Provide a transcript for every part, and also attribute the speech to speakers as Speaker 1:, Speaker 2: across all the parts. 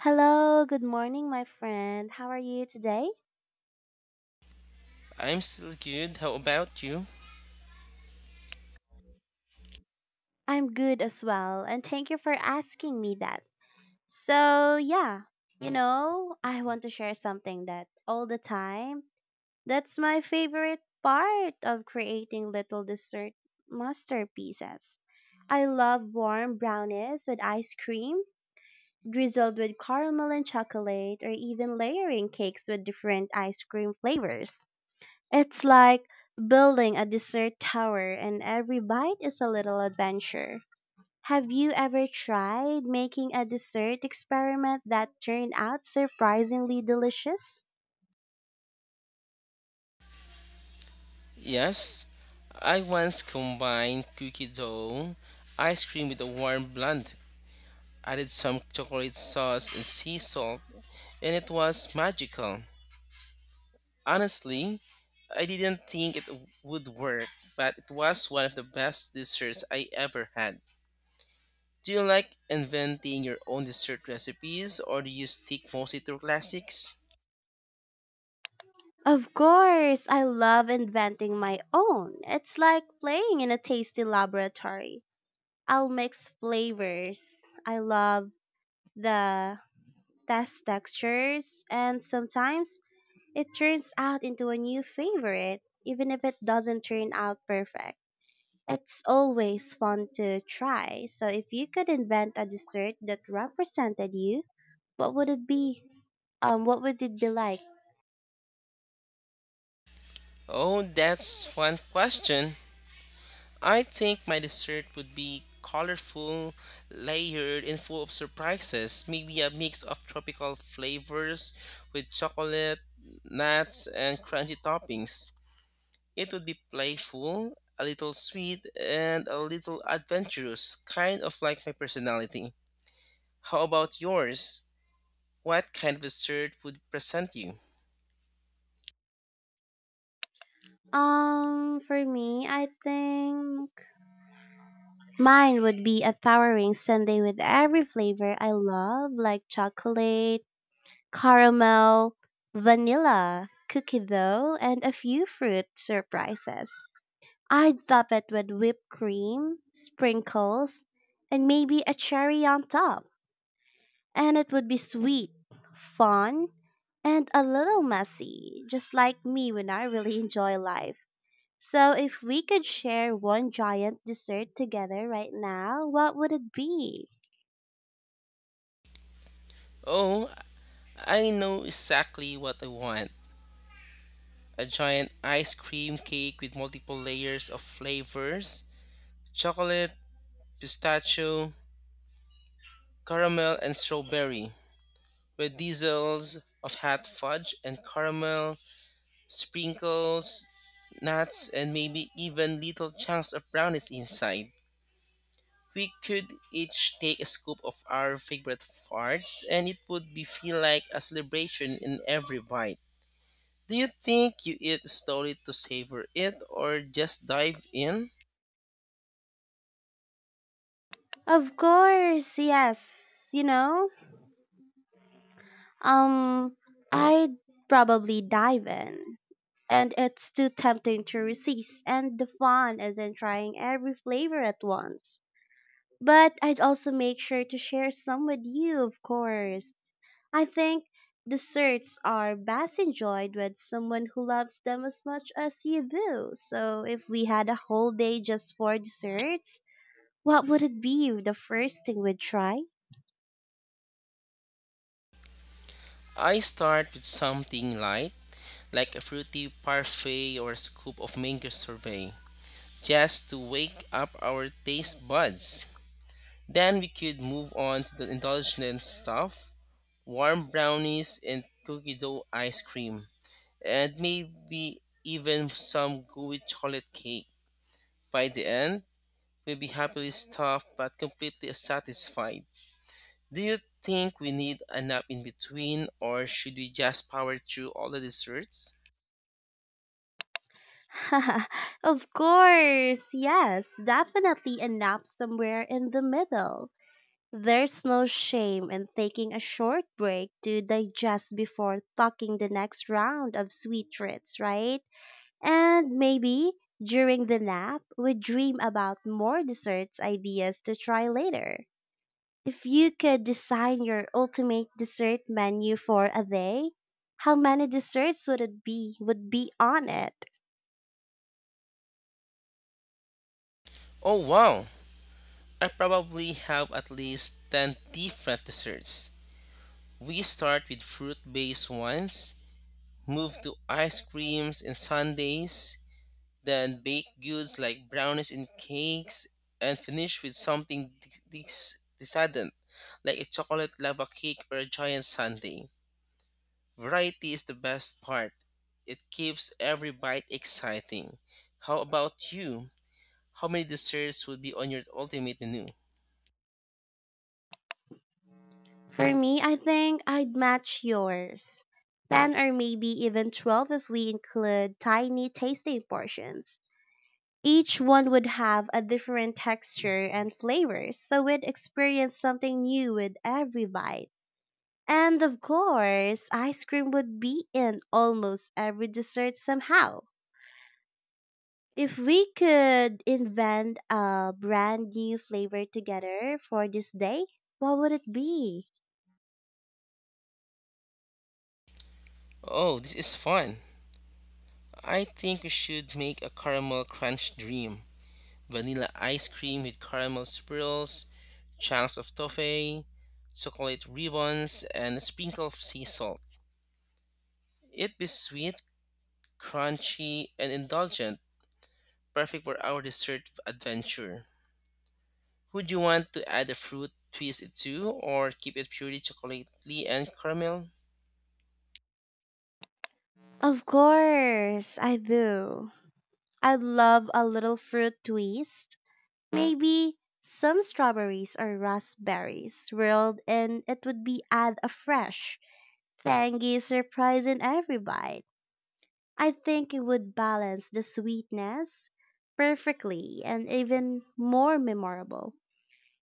Speaker 1: Hello, good morning, my friend. How are you today?
Speaker 2: I'm still good. How about you?
Speaker 1: I'm good as well, and thank you for asking me that. So, yeah, I want to share something that all the time, that's my favorite part of creating little dessert masterpieces. I love warm brownies with ice cream, drizzled with caramel and chocolate, or even layering cakes with different ice cream flavors. It's like building a dessert tower and every bite is a little adventure. Have you ever tried making a dessert experiment that turned out surprisingly delicious?
Speaker 2: Yes, I once combined cookie dough, ice cream with a warm blend, added some chocolate sauce and sea salt, and it was magical. Honestly, I didn't think it would work, but it was one of the best desserts I ever had. Do you like inventing your own dessert recipes or do you stick mostly to classics?
Speaker 1: Of course, I love inventing my own. It's like playing in a tasty laboratory. I'll mix flavors. I love the test textures, and sometimes it turns out into a new favorite, even if it doesn't turn out perfect. It's always fun to try. So if you could invent a dessert that represented you, what would it be? What would it be like?
Speaker 2: Oh, that's fun question. I think my dessert would be colorful, layered, and full of surprises. Maybe a mix of tropical flavors with chocolate, nuts, and crunchy toppings. It would be playful, a little sweet, and a little adventurous, kind of like my personality. How about yours? What kind of dessert would present you?
Speaker 1: For me, I think mine would be a towering sundae with every flavor I love, like chocolate, caramel, vanilla, cookie dough, and a few fruit surprises. I'd top it with whipped cream, sprinkles, and maybe a cherry on top. And it would be sweet, fun, and a little messy, just like me when I really enjoy life. So, if we could share one giant dessert together right now, what would it be?
Speaker 2: Oh, I know exactly what I want. A giant ice cream cake with multiple layers of flavors, chocolate, pistachio, caramel, and strawberry, with diesels of hot fudge and caramel, sprinkles, nuts, and maybe even little chunks of brownies inside. We could each take a scoop of our favorite parts, and it would be feel like a celebration in every bite. Do you think you eat slowly to savor it or just dive in?
Speaker 1: Of course, yes. You know, um, I'd probably dive in. And it's too tempting to resist, and the fun is in trying every flavor at once. But I'd also make sure to share some with you, of course. I think desserts are best enjoyed with someone who loves them as much as you do. So if we had a whole day just for desserts, what would it be the first thing we'd try?
Speaker 2: I start with something light, like a fruity parfait or a scoop of mango sorbet, just to wake up our taste buds. Then we could move on to the indulgent stuff, warm brownies and cookie dough ice cream, and maybe even some gooey chocolate cake. By the end, we'll be happily stuffed but completely satisfied. Do you think we need a nap in between or should we just power through all the desserts?
Speaker 1: Of course, yes, definitely a nap somewhere in the middle. There's no shame in taking a short break to digest before talking the next round of sweet treats, right? And maybe during the nap, we dream about more desserts ideas to try later. If you could design your ultimate dessert menu for a day, how many desserts would be on it?
Speaker 2: Oh wow! I probably have at least 10 different desserts. We start with fruit based ones, move to ice creams and sundaes, then baked goods like brownies and cakes, and finish with something decadent like a chocolate lava cake or a giant sundae. Variety is the best part. It keeps every bite exciting. How about you? How many desserts would be on your ultimate menu?
Speaker 1: For me, I think I'd match yours. 10 or maybe even 12 if we include tiny tasting portions. Each one would have a different texture and flavor, so we'd experience something new with every bite. And of course, ice cream would be in almost every dessert somehow. If we could invent a brand new flavor together for this day, what would it be?
Speaker 2: Oh, this is fun. I think we should make a caramel crunch dream. Vanilla ice cream with caramel swirls, chunks of toffee, chocolate ribbons, and a sprinkle of sea salt. It'd be sweet, crunchy, and indulgent, perfect for our dessert adventure. Would you want to add a fruit twist to, or keep it purely chocolatey and caramel?
Speaker 1: Of course, I do. I'd love a little fruit twist. Maybe some strawberries or raspberries swirled and it would be add a fresh, tangy surprise in every bite. I think it would balance the sweetness perfectly and even more memorable.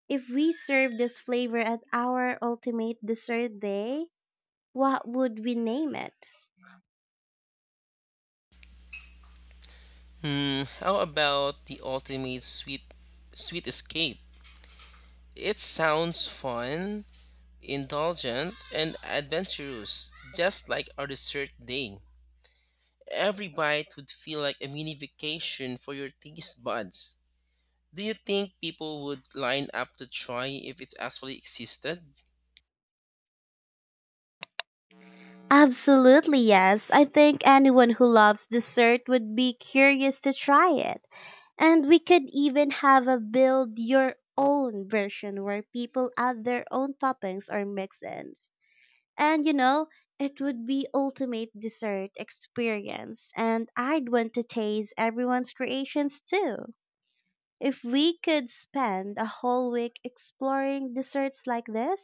Speaker 1: If we serve this flavor at our ultimate dessert day, what would we name it?
Speaker 2: Hmm, how about the ultimate sweet escape? It sounds fun, indulgent, and adventurous, just like our dessert day. Every bite would feel like a mini vacation for your taste buds. Do you think people would line up to try if it actually existed?
Speaker 1: Absolutely, yes. I think anyone who loves dessert would be curious to try it. And we could even have a build your own version where people add their own toppings or mix ins. And you know, it would be ultimate dessert experience and I'd want to taste everyone's creations too. If we could spend a whole week exploring desserts like this,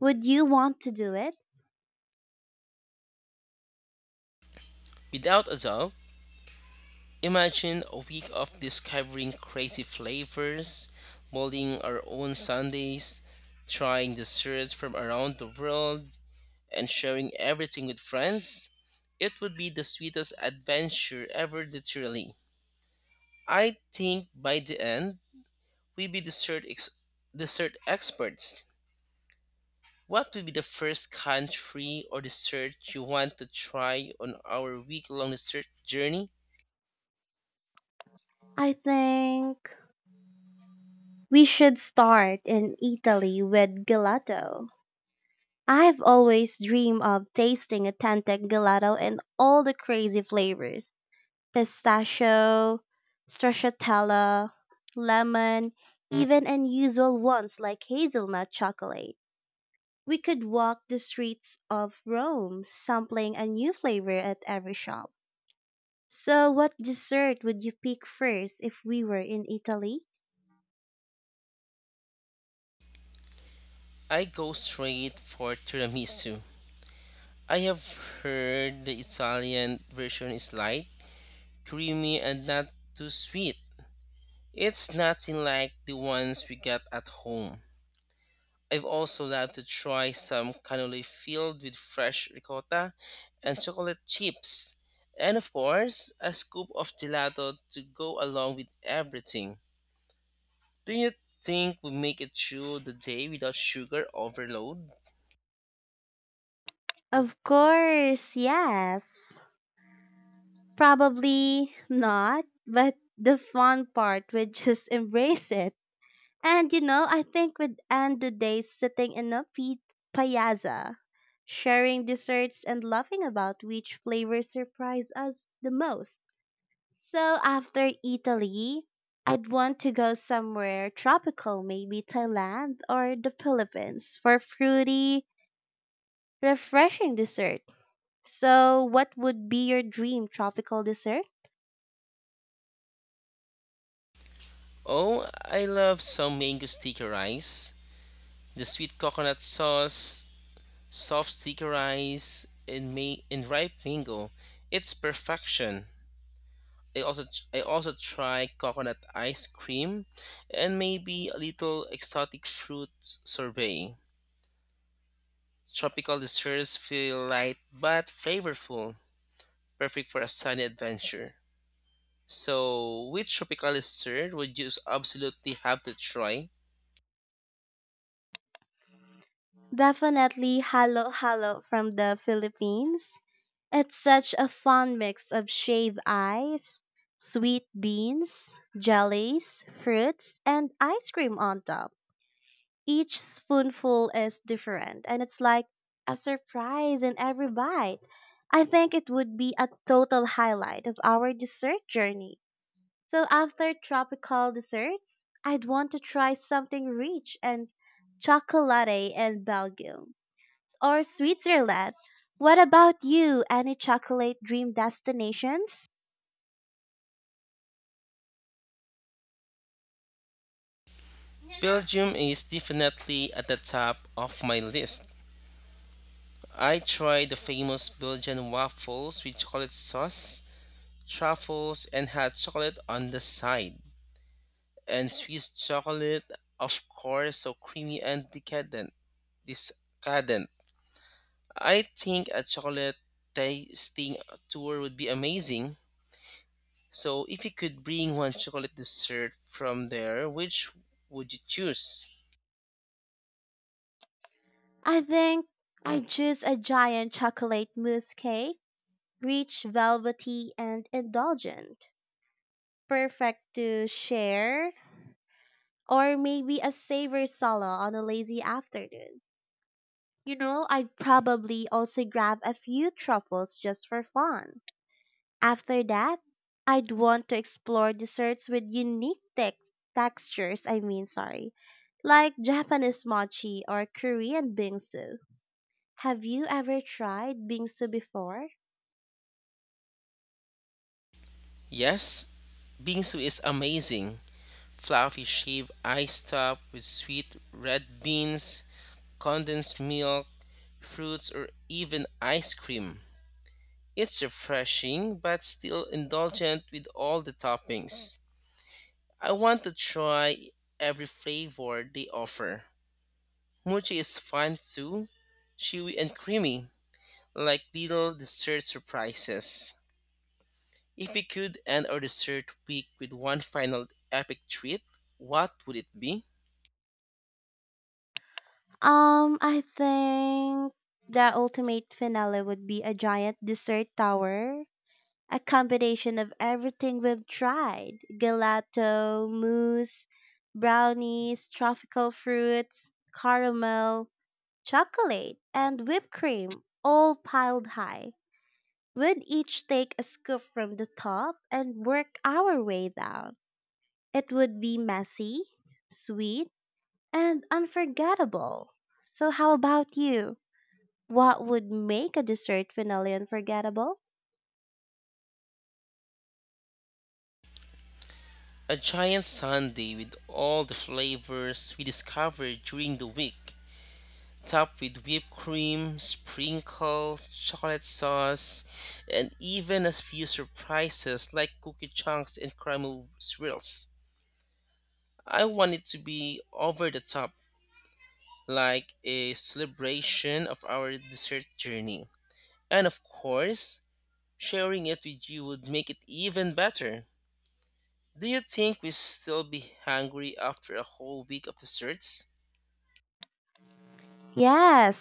Speaker 1: would you want to do it?
Speaker 2: Without a doubt, imagine a week of discovering crazy flavors, molding our own sundaes, trying desserts from around the world, and sharing everything with friends. It would be the sweetest adventure ever, literally. I think by the end, we'd be dessert, dessert experts. What would be the first country or dessert you want to try on our week long dessert journey?
Speaker 1: I think we should start in Italy with gelato. I've always dreamed of tasting authentic gelato in all the crazy flavors pistachio, stracciatella, lemon, even unusual ones like hazelnut chocolate. We could walk the streets of Rome, sampling a new flavor at every shop. So, what dessert would you pick first if we were in Italy?
Speaker 2: I go straight for tiramisu. I have heard the Italian version is light, creamy, and not too sweet. It's nothing like the ones we get at home. I've also loved to try some cannoli filled with fresh ricotta and chocolate chips. And of course, a scoop of gelato to go along with everything. Do you think we make it through the day without sugar overload?
Speaker 1: Of course, yes. Probably not, but the fun part would just embrace it. And you know, I think we'd end the day sitting in a piazza, sharing desserts and laughing about which flavors surprise us the most. So after Italy, I'd want to go somewhere tropical, maybe Thailand or the Philippines for fruity, refreshing dessert. So what would be your dream tropical dessert?
Speaker 2: Oh, I love some mango sticky rice, the sweet coconut sauce, soft seeker rice in me in ripe mango. It's perfection. I also I also try coconut ice cream and maybe a little exotic fruit sorbet. Tropical desserts feel light but flavorful, perfect for a sunny adventure. So, which tropical dessert would you absolutely have to try?
Speaker 1: Definitely halo halo from the Philippines. It's such a fun mix of shaved ice, sweet beans, jellies, fruits, and ice cream on top. Each spoonful is different and it's like a surprise in every bite. I think it would be a total highlight of our dessert journey. So after tropical desserts, I'd want to try something rich and chocolatey in Belgium or Switzerland. What about you? Any chocolate dream destinations?
Speaker 2: Belgium is definitely at the top of my list. I tried the famous Belgian waffles with chocolate sauce, truffles, and hot chocolate on the side. And Swiss chocolate, of course, so creamy and decadent. Discadent. I think a chocolate tasting tour would be amazing. So, if you could bring one chocolate dessert from there, which would you choose?
Speaker 1: I think I choose a giant chocolate mousse cake, rich, velvety, and indulgent, perfect to share or maybe a savory solo on a lazy afternoon. You know, I'd probably also grab a few truffles just for fun. After that, I'd want to explore desserts with unique textures, I mean, sorry, like Japanese mochi or Korean bingsu. Have you ever tried bingsu before?
Speaker 2: Yes, bingsu is amazing. Fluffy shaved ice top with sweet red beans, condensed milk, fruits, or even ice cream. It's refreshing but still indulgent with all the toppings. I want to try every flavor they offer. Mochi is fun too, chewy and creamy, like little dessert surprises. If we could end our dessert week with one final epic treat, what would it be?
Speaker 1: I think the ultimate finale would be a giant dessert tower, a combination of everything we've tried, gelato, mousse, brownies, tropical fruits, caramel, chocolate, and whipped cream all piled high. We'd each take a scoop from the top and work our way down. It would be messy, sweet, and unforgettable. So, how about you? What would make a dessert finale unforgettable?
Speaker 2: A giant sundae with all the flavors we discovered during the week, topped with whipped cream, sprinkles, chocolate sauce, and even a few surprises like cookie chunks and caramel swirls. I want it to be over the top, like a celebration of our dessert journey. And of course, sharing it with you would make it even better. Do you think we still be hungry after a whole week of desserts?
Speaker 1: Yes,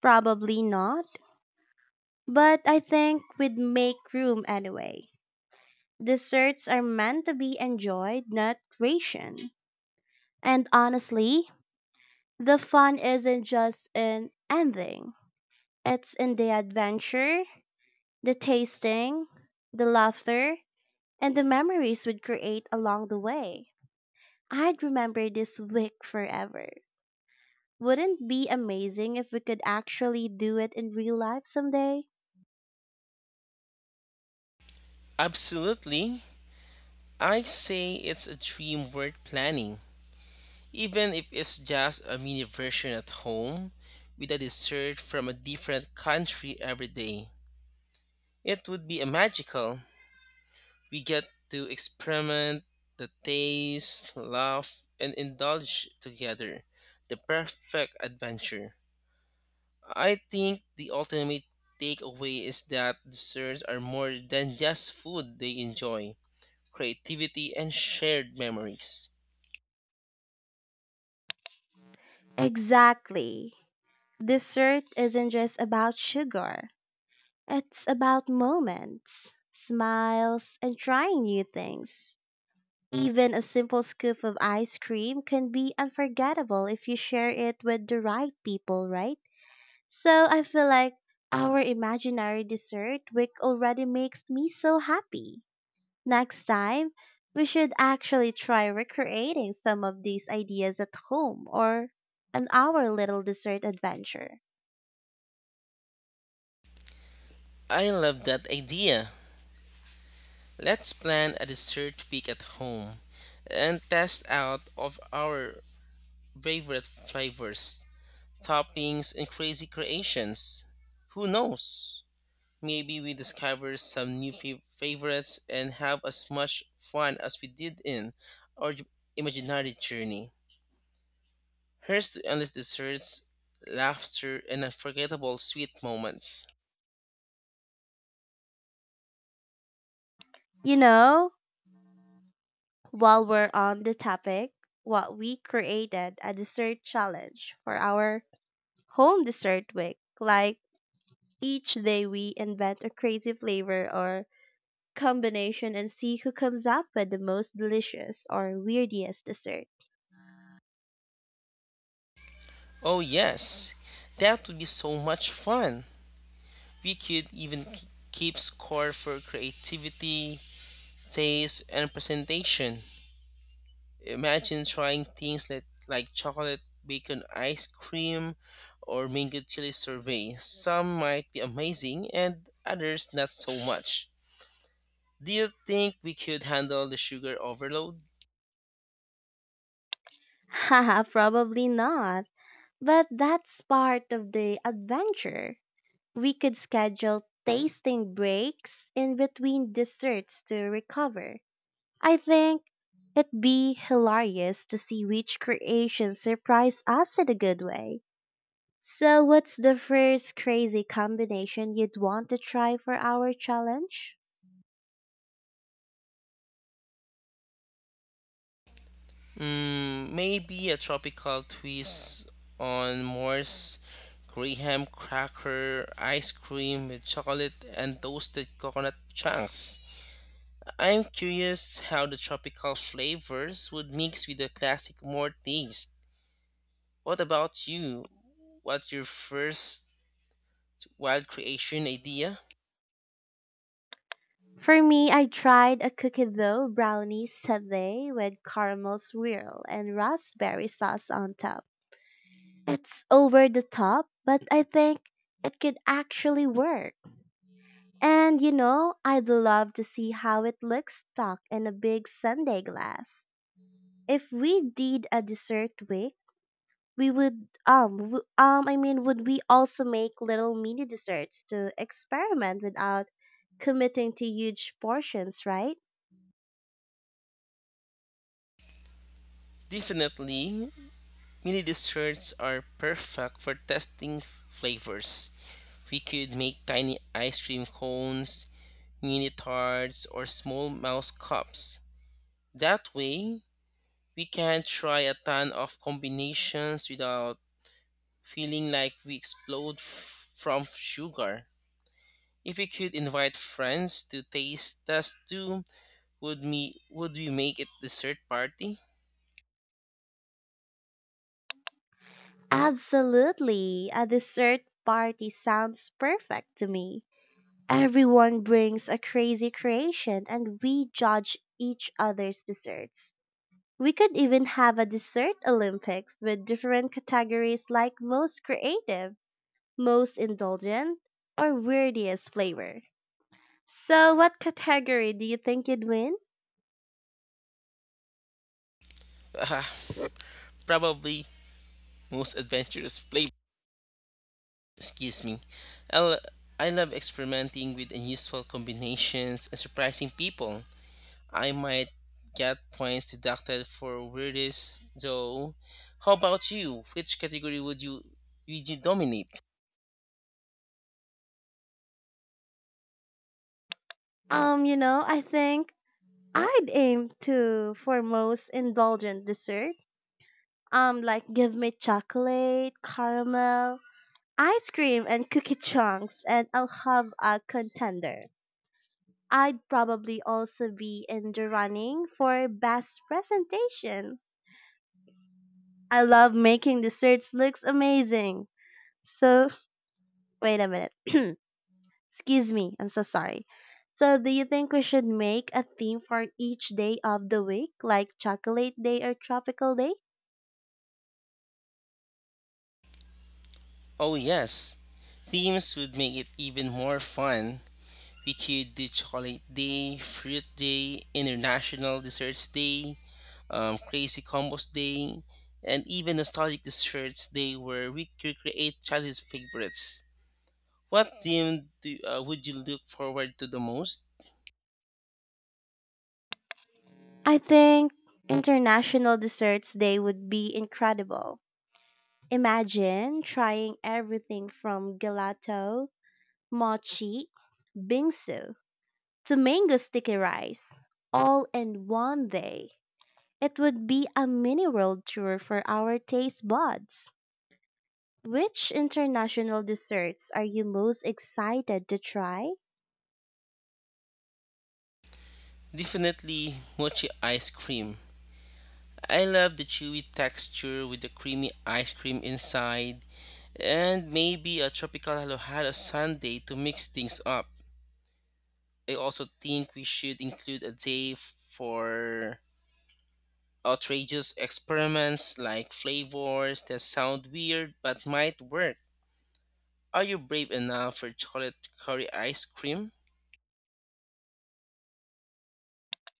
Speaker 1: probably not. But I think we'd make room anyway. Desserts are meant to be enjoyed, not rationed. And honestly, the fun isn't just in ending. It's in the adventure, the tasting, the laughter, and the memories we'd create along the way. I'd remember this week forever. Wouldn't it be amazing if we could actually do it in real life someday?
Speaker 2: Absolutely. I say it's a dream worth planning. Even if it's just a mini version at home with a dessert from a different country every day. It would be a magical. We get to experiment the taste, laugh, and indulge together. The perfect adventure. I think the ultimate takeaway is that desserts are more than just food they enjoy, creativity, and shared memories.
Speaker 1: Exactly. Dessert isn't just about sugar. It's about moments, smiles, and trying new things. Even a simple scoop of ice cream can be unforgettable if you share it with the right people, right? So I feel like our imaginary dessert week already makes me so happy. Next time, we should actually try recreating some of these ideas at home or on our little dessert adventure.
Speaker 2: I love that idea. Let's plan a dessert week at home and test out of our favorite flavors, toppings, and crazy creations. Who knows? Maybe we discover some new favorites and have as much fun as we did in our imaginary journey. Here's to endless desserts, laughter, and unforgettable sweet moments.
Speaker 1: You know? While we're on the topic, what we created a dessert challenge for our home dessert week. Like each day we invent a crazy flavor or combination and see who comes up with the most delicious or weirdest dessert.
Speaker 2: Oh, yes, that would be so much fun. We could even keep score for creativity, taste, and presentation. Imagine trying things like chocolate bacon ice cream or mango chili survey. Some might be amazing and others not so much. Do you think we could handle the sugar overload?
Speaker 1: Haha, probably not. But that's part of the adventure. We could schedule tasting breaks in between desserts to recover. I think it'd be hilarious to see which creation surprise us in a good way. So, what's the first crazy combination you'd want to try for our challenge?
Speaker 2: Mm, maybe a tropical twist on Morse graham cracker ice cream with chocolate and toasted coconut chunks. I'm curious how the tropical flavors would mix with the classic more taste. What about you? What's your first wild creation idea?
Speaker 1: For me, I tried a cookie dough brownie sundae with caramel swirl and raspberry sauce on top. It's over the top, but I think it could actually work. And you know, I'd love to see how it looks stuck in a big sundae glass. If we did a dessert week, we would I mean would we also make little mini desserts to experiment without committing to huge portions, right?
Speaker 2: Definitely. Mini desserts are perfect for testing flavors. We could make tiny ice cream cones, mini tarts, or small mouse cups. That way, we can try a ton of combinations without feeling like we explode from sugar. If we could invite friends to taste test too, would we make it dessert party?
Speaker 1: Absolutely. A dessert party sounds perfect to me. Everyone brings a crazy creation and we judge each other's desserts. We could even have a dessert Olympics with different categories like most creative, most indulgent, or weirdest flavor? So, what category do you think you'd win?
Speaker 2: probably most adventurous flavor. Excuse me. I, lo- I love experimenting with unusual combinations and surprising people. I might get points deducted for weirdest, though. How about you? Which category would you dominate?
Speaker 1: I think I'd aim to for most indulgent dessert. Like give me chocolate, caramel, ice cream, and cookie chunks, and I'll have a contender. I'd probably also be in the running for best presentation. I love making desserts looks amazing. So, wait a minute. Excuse me, I'm so sorry. So, do you think we should make a theme for each day of the week, like Chocolate Day or Tropical Day?
Speaker 2: Oh, yes, themes would make it even more fun. We could do Chocolate Day, Fruit Day, International Desserts Day, Crazy Combos Day, and even Nostalgic Desserts Day, where we could create childhood favorites. What theme would you look forward to the most?
Speaker 1: I think International Desserts Day would be incredible. Imagine trying everything from gelato, mochi, bingsu, to mango sticky rice, all in one day. It would be a mini world tour for our taste buds. Which international desserts are you most excited to try?
Speaker 2: Definitely mochi ice cream. I love the chewy texture with the creamy ice cream inside, and maybe a tropical alohalo sundae to mix things up. I also think we should include a day for outrageous experiments like flavors that sound weird but might work. Are you brave enough for chocolate curry ice cream?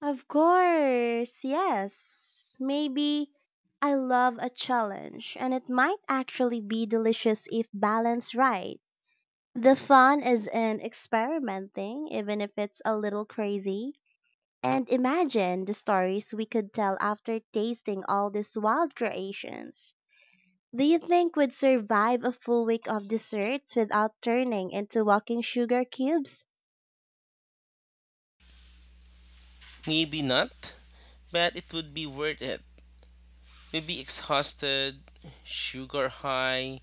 Speaker 1: Of course, yes. Maybe I love a challenge, and it might actually be delicious if balanced right. The fun is in experimenting, even if it's a little crazy. And imagine the stories we could tell after tasting all these wild creations. Do you think we'd survive a full week of desserts without turning into walking sugar cubes?
Speaker 2: Maybe not, but it would be worth it. We'll be exhausted, sugar high,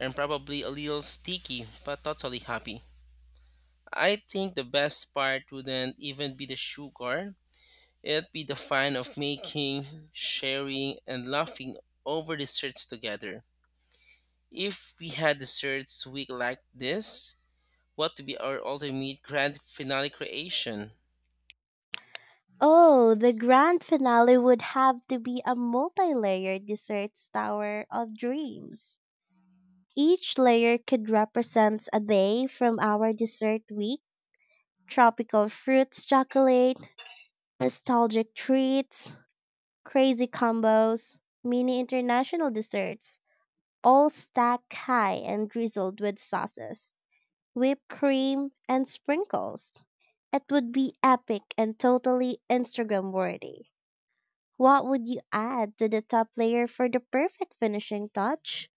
Speaker 2: and probably a little sticky, but totally happy. I think the best part wouldn't even be the sugar, it'd be the fun of making, sharing, and laughing over desserts together. If we had desserts week like this, what would be our ultimate grand finale creation?
Speaker 1: Oh, the grand finale would have to be a multi-layered desserts tower of dreams. Each layer could represent a day from our dessert week. Tropical fruits chocolate, nostalgic treats, crazy combos, mini international desserts, all stacked high and drizzled with sauces, whipped cream, and sprinkles. It would be epic and totally Instagram worthy. What would you add to the top layer for the perfect finishing touch?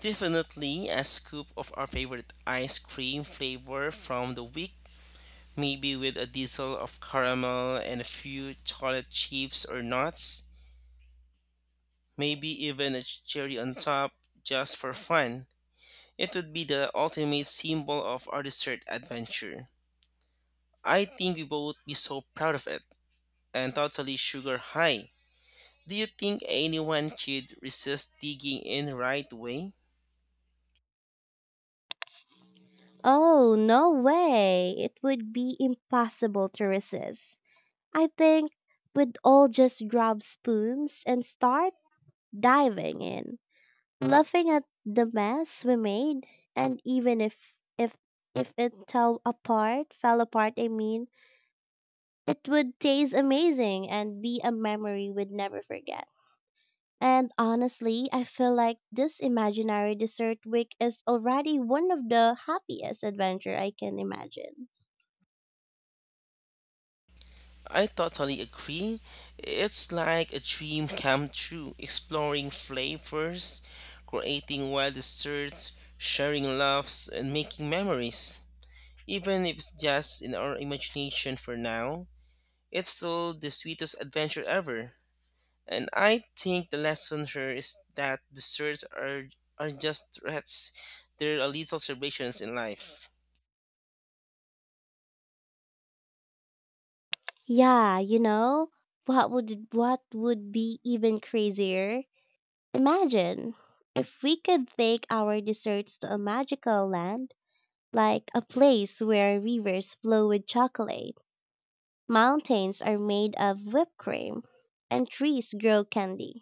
Speaker 2: Definitely a scoop of our favorite ice cream flavor from the week, maybe with a drizzle of caramel and a few chocolate chips or nuts. Maybe even a cherry on top just for fun. It would be the ultimate symbol of our dessert adventure. I think we both be so proud of it and totally sugar high. Do you think anyone could resist digging in right way?
Speaker 1: Oh, no way! It would be impossible to resist. I think we'd all just grab spoons and start diving in, laughing at the mess we made, and even if if it fell apart, I mean, it would taste amazing and be a memory we'd never forget. And honestly, I feel like this imaginary dessert week is already one of the happiest adventure I can imagine.
Speaker 2: I totally agree. It's like a dream come true, exploring flavors, creating wild desserts, sharing laughs, and making memories. Even if it's just in our imagination for now, it's still the sweetest adventure ever. And I think the lesson here is that desserts are just threats, they're a little celebrations in life.
Speaker 1: Yeah, you know, what would be even crazier? Imagine if we could take our desserts to a magical land, like a place where rivers flow with chocolate, mountains are made of whipped cream, and trees grow candy.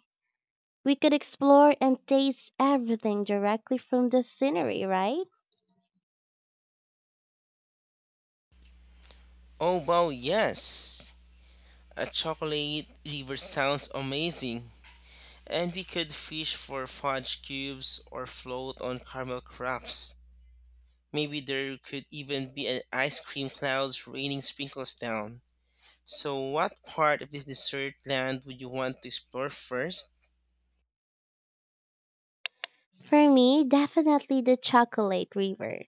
Speaker 1: We could explore and taste everything directly from the scenery, right?
Speaker 2: Oh wow, yes! A chocolate river sounds amazing. And we could fish for fudge cubes or float on caramel crafts. Maybe there could even be an ice cream clouds raining sprinkles down. So what part of this dessert land would you want to explore first?
Speaker 1: For me, definitely the chocolate river.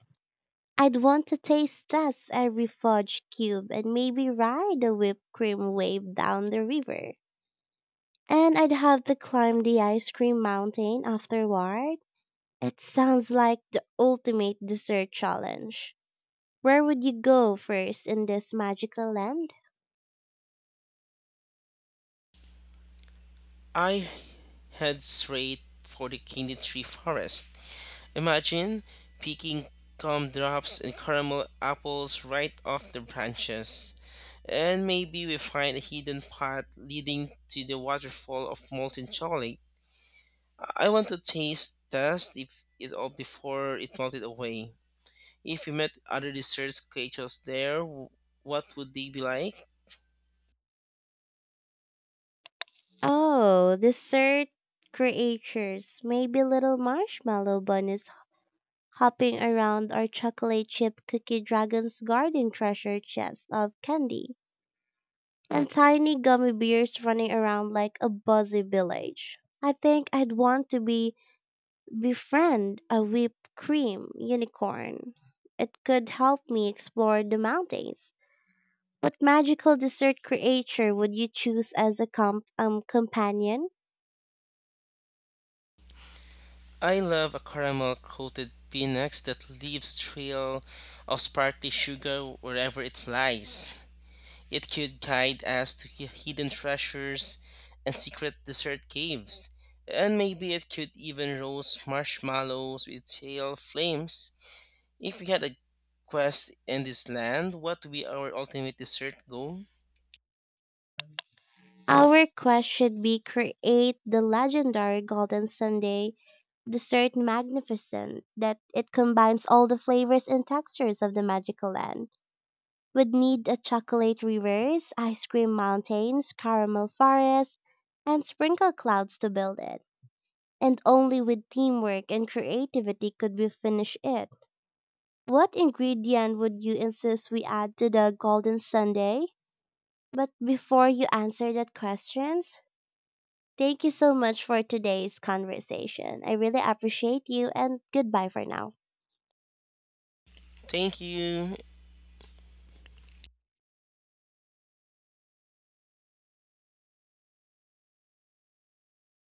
Speaker 1: I'd want to taste test every fudge cube and maybe ride the whipped cream wave down the river. And I'd have to climb the ice cream mountain afterward. It sounds like the ultimate dessert challenge. Where would you go first in this magical land?
Speaker 2: I head straight for the Kidney Tree Forest. Imagine picking gumdrops and caramel apples right off the branches. And maybe we find a hidden path leading to the waterfall of molten chocolate. I want to taste test if it all before it melted away. If we met other dessert creatures there, what would they be like?
Speaker 1: Oh, dessert creatures. Maybe little marshmallow bunnies hopping around our chocolate chip cookie dragon's garden treasure chest of candy. And tiny gummy bears running around like a buzzy village. I think I'd want to be befriend a whipped cream unicorn. It could help me explore the mountains. What magical dessert creature would you choose as a companion?
Speaker 2: I love a caramel coated Phoenix that leaves trail of sparkly sugar wherever it flies. It could guide us to hidden treasures and secret dessert caves. And maybe it could even roast marshmallows with tail flames. If we had a quest in this land, what would be our ultimate dessert goal?
Speaker 1: Our quest should be create the legendary Golden Sunday dessert magnificent that it combines all the flavors and textures of the magical land. We'd need a chocolate rivers, ice cream mountains, caramel forests, and sprinkle clouds to build it. And only with teamwork and creativity could we finish it. What ingredient would you insist we add to the Golden Sunday? But before you answer that question, thank you so much for today's conversation. I really appreciate you and goodbye for now.
Speaker 2: Thank you.